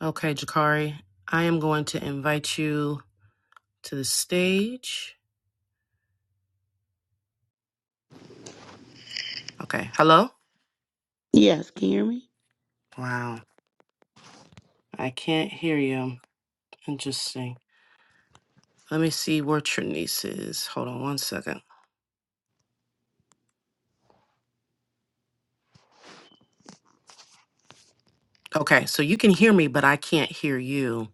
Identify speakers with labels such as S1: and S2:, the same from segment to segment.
S1: Okay, Jakari, I am going to invite you to the stage. Okay, hello?
S2: Yes, can you hear me?
S1: Wow, I can't hear you. Interesting. Let me see where Trinice is. Hold on one second. Okay, so you can hear me, but I can't hear you,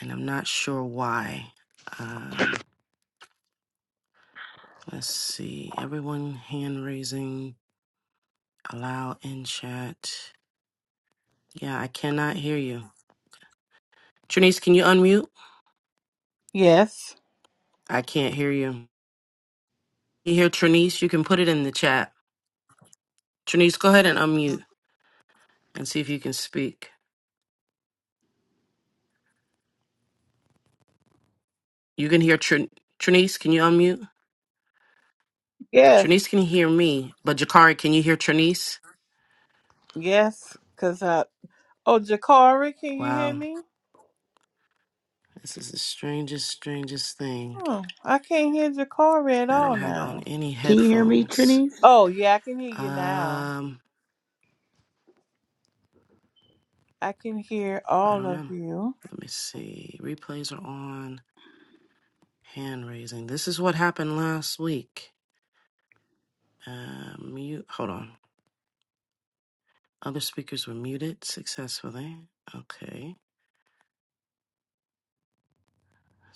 S1: and I'm not sure why. Um, let's see. Everyone hand raising, allow in chat. Yeah, I cannot hear you. Trinice, can you unmute?
S3: Yes.
S1: I can't hear you. You hear Trinice? You can put it in the chat. Trinice, go ahead and unmute and see if you can speak. You can hear Trin- Trinice. Can you unmute?
S3: Yes.
S1: Trinice can hear me, but Jakari, can you hear Trinice?
S3: Yes. Cause I. Oh, Jakari, can you hear
S1: Wow,
S3: me?
S1: this is the strangest, strangest thing.
S3: Hmm. I can't hear Jakari at
S1: And I
S3: all
S1: don't have on
S3: now.
S1: any
S2: Can you hear me,
S1: headphones.
S2: Trinies?
S3: Oh yeah, I can hear you now.
S1: Um,
S3: I can hear
S1: I
S3: all
S1: don't
S3: of
S1: know.
S3: you.
S1: Let me see. Replays are on. Hand raising. This is what happened last week. Uh, mute. Hold on. Other speakers were muted successfully. Okay.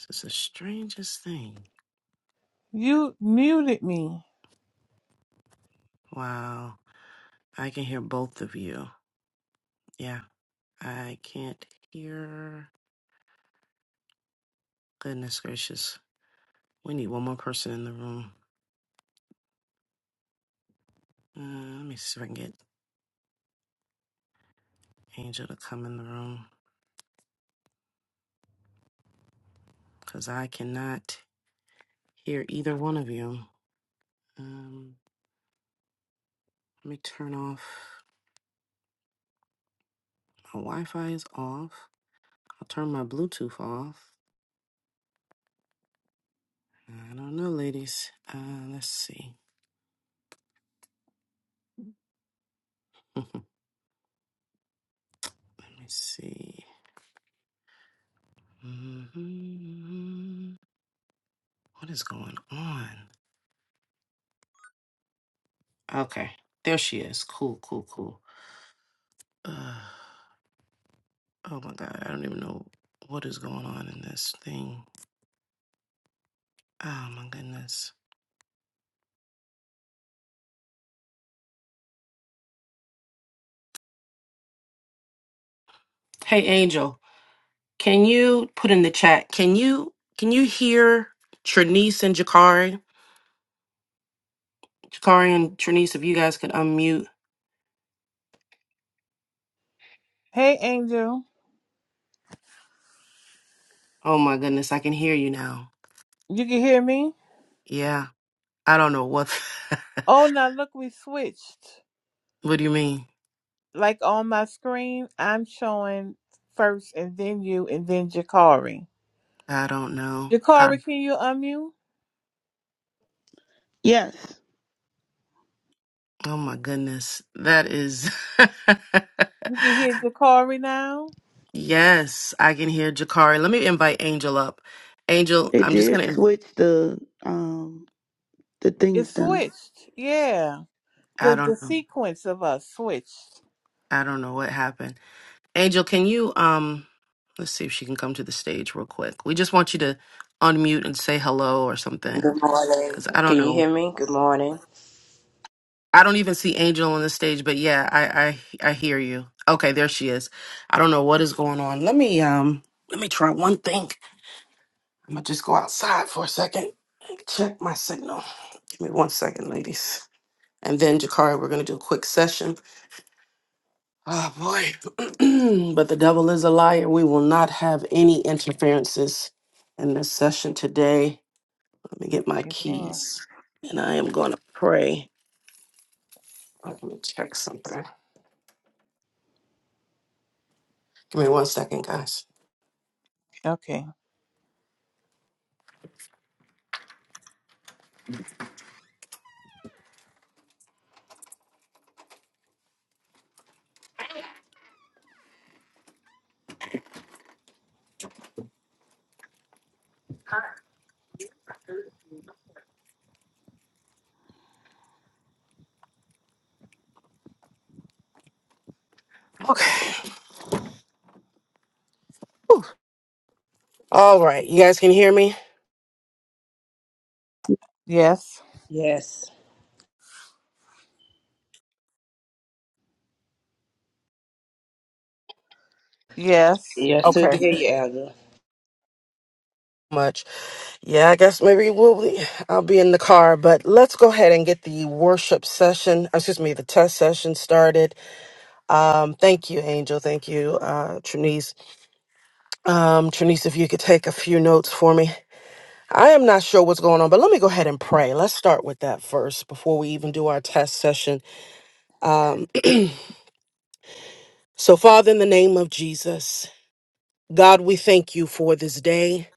S1: This is the strangest thing.
S3: You muted me.
S1: Wow. I can hear both of you. Yeah, I can't hear. Goodness gracious. We need one more person in the room. Uh, let me see if I can get Angel to come in the room because I cannot hear either one of you. Um, let me turn off. My Wi Fi is off. I'll turn my Bluetooth off. I don't know, ladies. Uh, let's see. let me see. Mhm. What is going on? Okay. There she is. Cool, cool, cool. Uh, oh my God. I don't even know what is going on in this thing. Oh my goodness. Hey, Angel, can you put in the chat? Can you can you hear Trinice and Jakari? Jakari and Trinice, if you guys could unmute.
S3: Hey, Angel.
S1: Oh my goodness, I can hear you now.
S3: You can hear me?
S1: Yeah. I don't know what.
S3: Oh, now look, we switched.
S1: what do you mean?
S3: Like on my screen, I'm showing first, and then you, and then Jakari.
S1: I don't know. I,
S3: Jakari, can you unmute?
S2: Yes,
S1: oh my goodness. That is.
S3: You can hear Jakari now.
S1: Yes, I can hear Jakari. Let me invite Angel up. Angel,
S2: it
S1: I'm just
S2: did
S1: gonna.
S2: switch the um the
S3: It
S2: things down.
S3: switched. Yeah.
S1: I
S3: the the
S1: don't know.
S3: sequence of us switched.
S1: I don't know what happened. Angel, can you um? Let's see if she can come to the stage real quick. We just want you to unmute and say hello or something,
S4: Good morning.
S1: because I
S4: Can
S1: don't
S4: you
S1: know.
S4: hear me? Good morning.
S1: I don't even see Angel on the stage, but yeah, I I I hear you. Okay, there she is. I don't know what is going on. Let me um. Let me try one thing. I'm gonna just go outside for a second and check my signal. Give me one second, ladies. And then, Jakari, we're going to do a quick session. Oh, boy. but the devil is a liar. We will not have any interferences in this session today. Let me get my
S3: Amen.
S1: keys. And I am going to pray. Oh, Let me check something. Give me one second, guys.
S3: Okay.
S1: Okay. All right. You guys can hear me?
S3: Yes.
S4: Yes.
S3: Yes.
S4: Yes, sir. to
S1: Okay.
S4: hear you, elder.
S1: Much. Yeah, I guess maybe we'll be, I'll be in the car, but let's go ahead and get the worship session, excuse me, the test session started. Um, thank you, Angel. Thank you, uh, Trinice. Um, Trinice, if you could take a few notes for me. I am not sure what's going on, but let me go ahead and pray. Let's start with that first before we even do our test session. Um, so, Father, in the name of Jesus, God, we thank you for this day.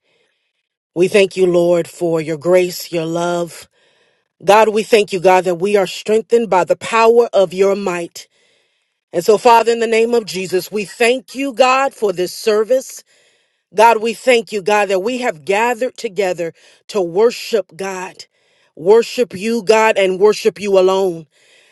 S1: We thank you, Lord, for your grace, your love. God, we thank you, God, that we are strengthened by the power of your might. And so, Father, in the name of Jesus, we thank you, God, for this service. God, we thank you, God, that we have gathered together to worship God, worship you, God, and worship you alone.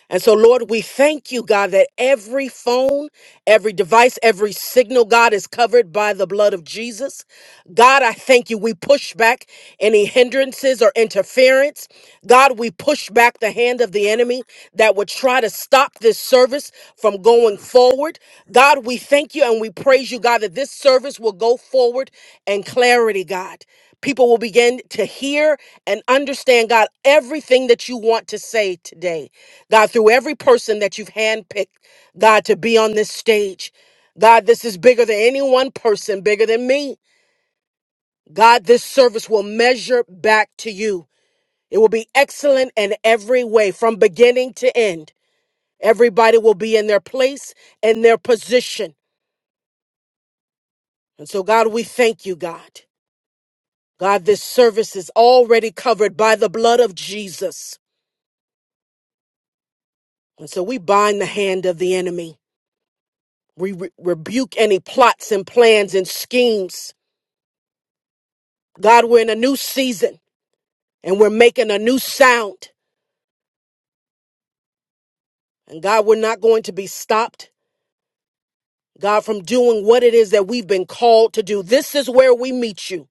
S1: And so, Lord, we thank you, God, that every phone, every device, every signal, God, is covered by the blood of Jesus. God, I thank you. We push back any hindrances or interference. God, we push back the hand of the enemy that would try to stop this service from going forward. God, we thank you and we praise you, God, that this service will go forward in clarity, God people will begin to hear and understand, God, everything that you want to say today. God, through every person that you've handpicked, God, to be on this stage. God, this is bigger than any one person, bigger than me. God, this service will measure back to you. It will be excellent in every way, from beginning to end. Everybody will be in their place and their position. And so, God, we thank you, God. God, this service is already covered by the blood of Jesus. And so we bind the hand of the enemy. We re- rebuke any plots and plans and schemes God, we're in a new season and we're making a new sound. And God, we're not going to be stopped, God, from doing what it is that we've been called to do. This is where we meet you.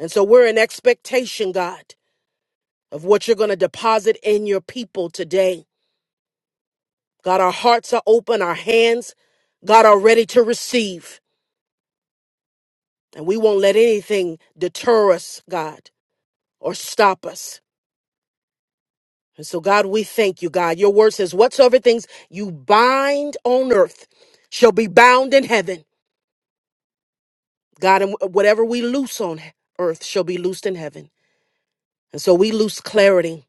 S1: And so we're in expectation, God, of what you're going to deposit in your people today. God, our hearts are open, our hands, God, are ready to receive. And we won't let anything deter us, God, or stop us. And so, God, we thank you, God. Your word says, whatsoever things you bind on earth shall be bound in heaven. God, and whatever we loose on earth shall be loosed in heaven. And so we loose clarity.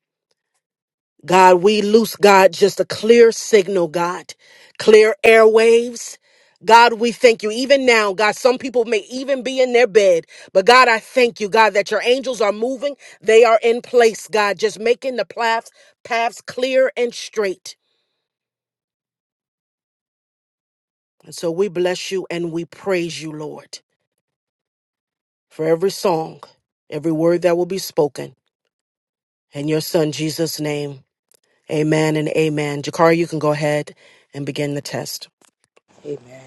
S1: God, we loose, God, just a clear signal, God, clear airwaves. God, we thank you. Even now, God, some people may even be in their bed, but God, I thank you, God, that your angels are moving. They are in place, God, just making the paths, paths clear and straight. And so we bless you and we praise you, Lord, for every song, every word that will be spoken. In your son Jesus' name, amen and amen. Jakari, you can go ahead and begin the test.
S4: Amen.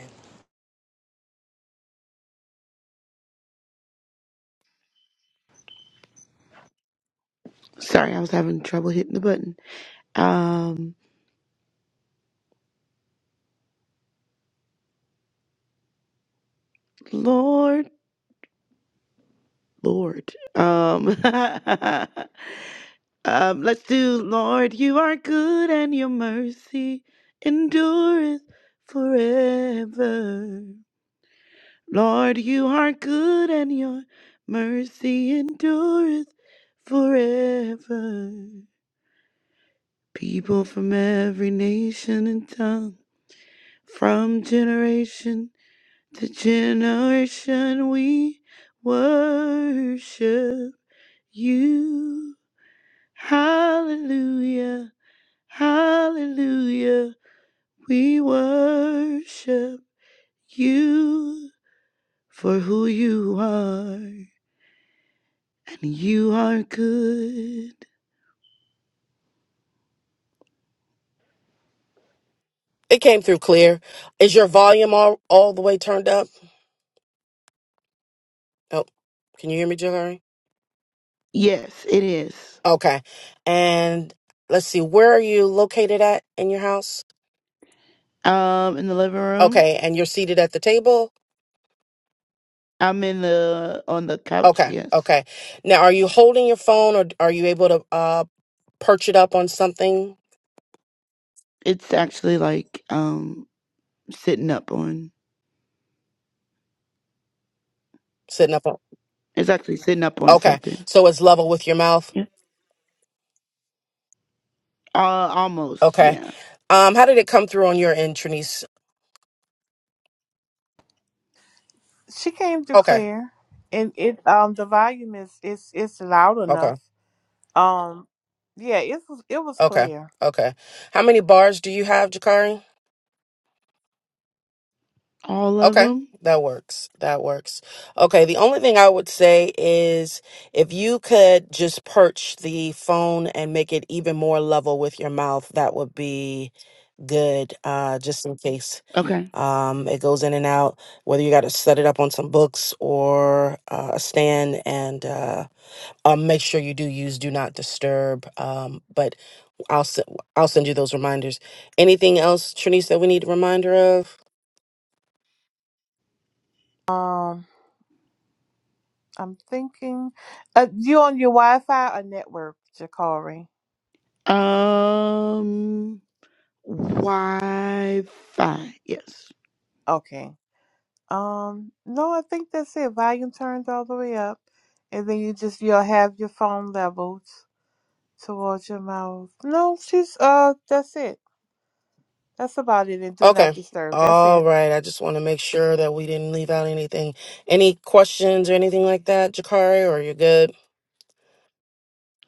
S2: Sorry, I was having trouble hitting the button. Um, Lord, Lord, um, um, let's do Lord, you are good and your mercy endureth forever. Lord, you are good and your mercy endureth forever. People from every nation and tongue, from generation to generation, we worship you. Hallelujah, hallelujah, we worship you for who you are, and you are good.
S1: It came through clear. Is your volume all, all the way turned up? Oh, can you hear me, Jakari?
S2: Yes, it is.
S1: Okay. And let's see, where are you located at in your house?
S2: Um, in the living room,
S1: Okay. And you're seated at the table?
S2: I'm in the on the couch.
S1: Okay.
S2: Yes.
S1: Okay. Now, are you holding your phone or are you able to uh, perch it up on something
S2: It's actually like um sitting up on.
S1: Sitting up. on-
S2: It's actually sitting up on
S1: Okay.
S2: something.
S1: So it's level with your mouth.
S2: Yeah. Uh, almost.
S1: Okay.
S2: Yeah.
S1: Um, how did it come through on your end, Trinice?
S3: She came to
S1: Okay.
S3: clear, and it um the volume is it's it's loud
S1: Okay.
S3: enough. Um, yeah, it was it was
S1: Okay.
S3: clear.
S1: Okay. How many bars do you have, Jakari?
S2: All of
S1: Okay.
S2: them.
S1: That works. That works. Okay. The only thing I would say is if you could just perch the phone and make it even more level with your mouth, that would be good. Uh, just in case
S2: Okay.
S1: Um, it goes in and out, whether you got to set it up on some books or uh, a stand, and uh, um, make sure you do use do not disturb. Um, but I'll s- I'll send you those reminders. Anything else, Trinice, that we need a reminder of?
S3: Um, I'm thinking, uh, you on your Wi-Fi or network, Jacari?
S2: Um. Wi-Fi. Yes.
S3: Okay. Um, no, I think that's it. Volume turned all the way up, and then you just you'll have your phone leveled towards your mouth. No, she's uh, that's it. That's about it and do not
S1: Okay.
S3: disturb. That's
S1: All
S3: it.
S1: right. I just want to make sure that we didn't leave out anything. Any questions or anything like that, Jakari, or you're good?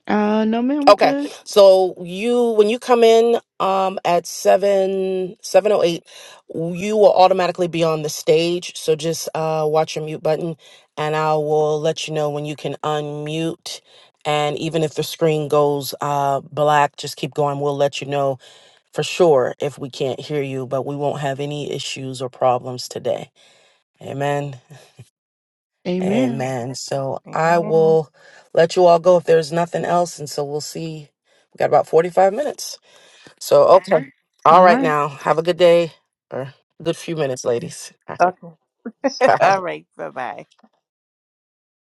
S2: Uh. No, ma'am.
S1: Okay.
S2: Good.
S1: So you when you come in um at seven seven oh eight, you will automatically be on the stage. So just uh watch your mute button and I will let you know when you can unmute and even if the screen goes uh black, just keep going. We'll let you know for sure if we can't hear you, but we won't have any issues or problems today. Amen.
S2: Amen.
S1: Amen. So I
S3: Amen.
S1: will let you all go if there's nothing else. And so we'll see. We got about 45 minutes. So, okay. All
S2: All
S1: right,
S2: right.
S1: now. Have a good day or good few minutes, ladies. All right.
S3: Okay.
S1: Bye.
S3: All right. Bye bye.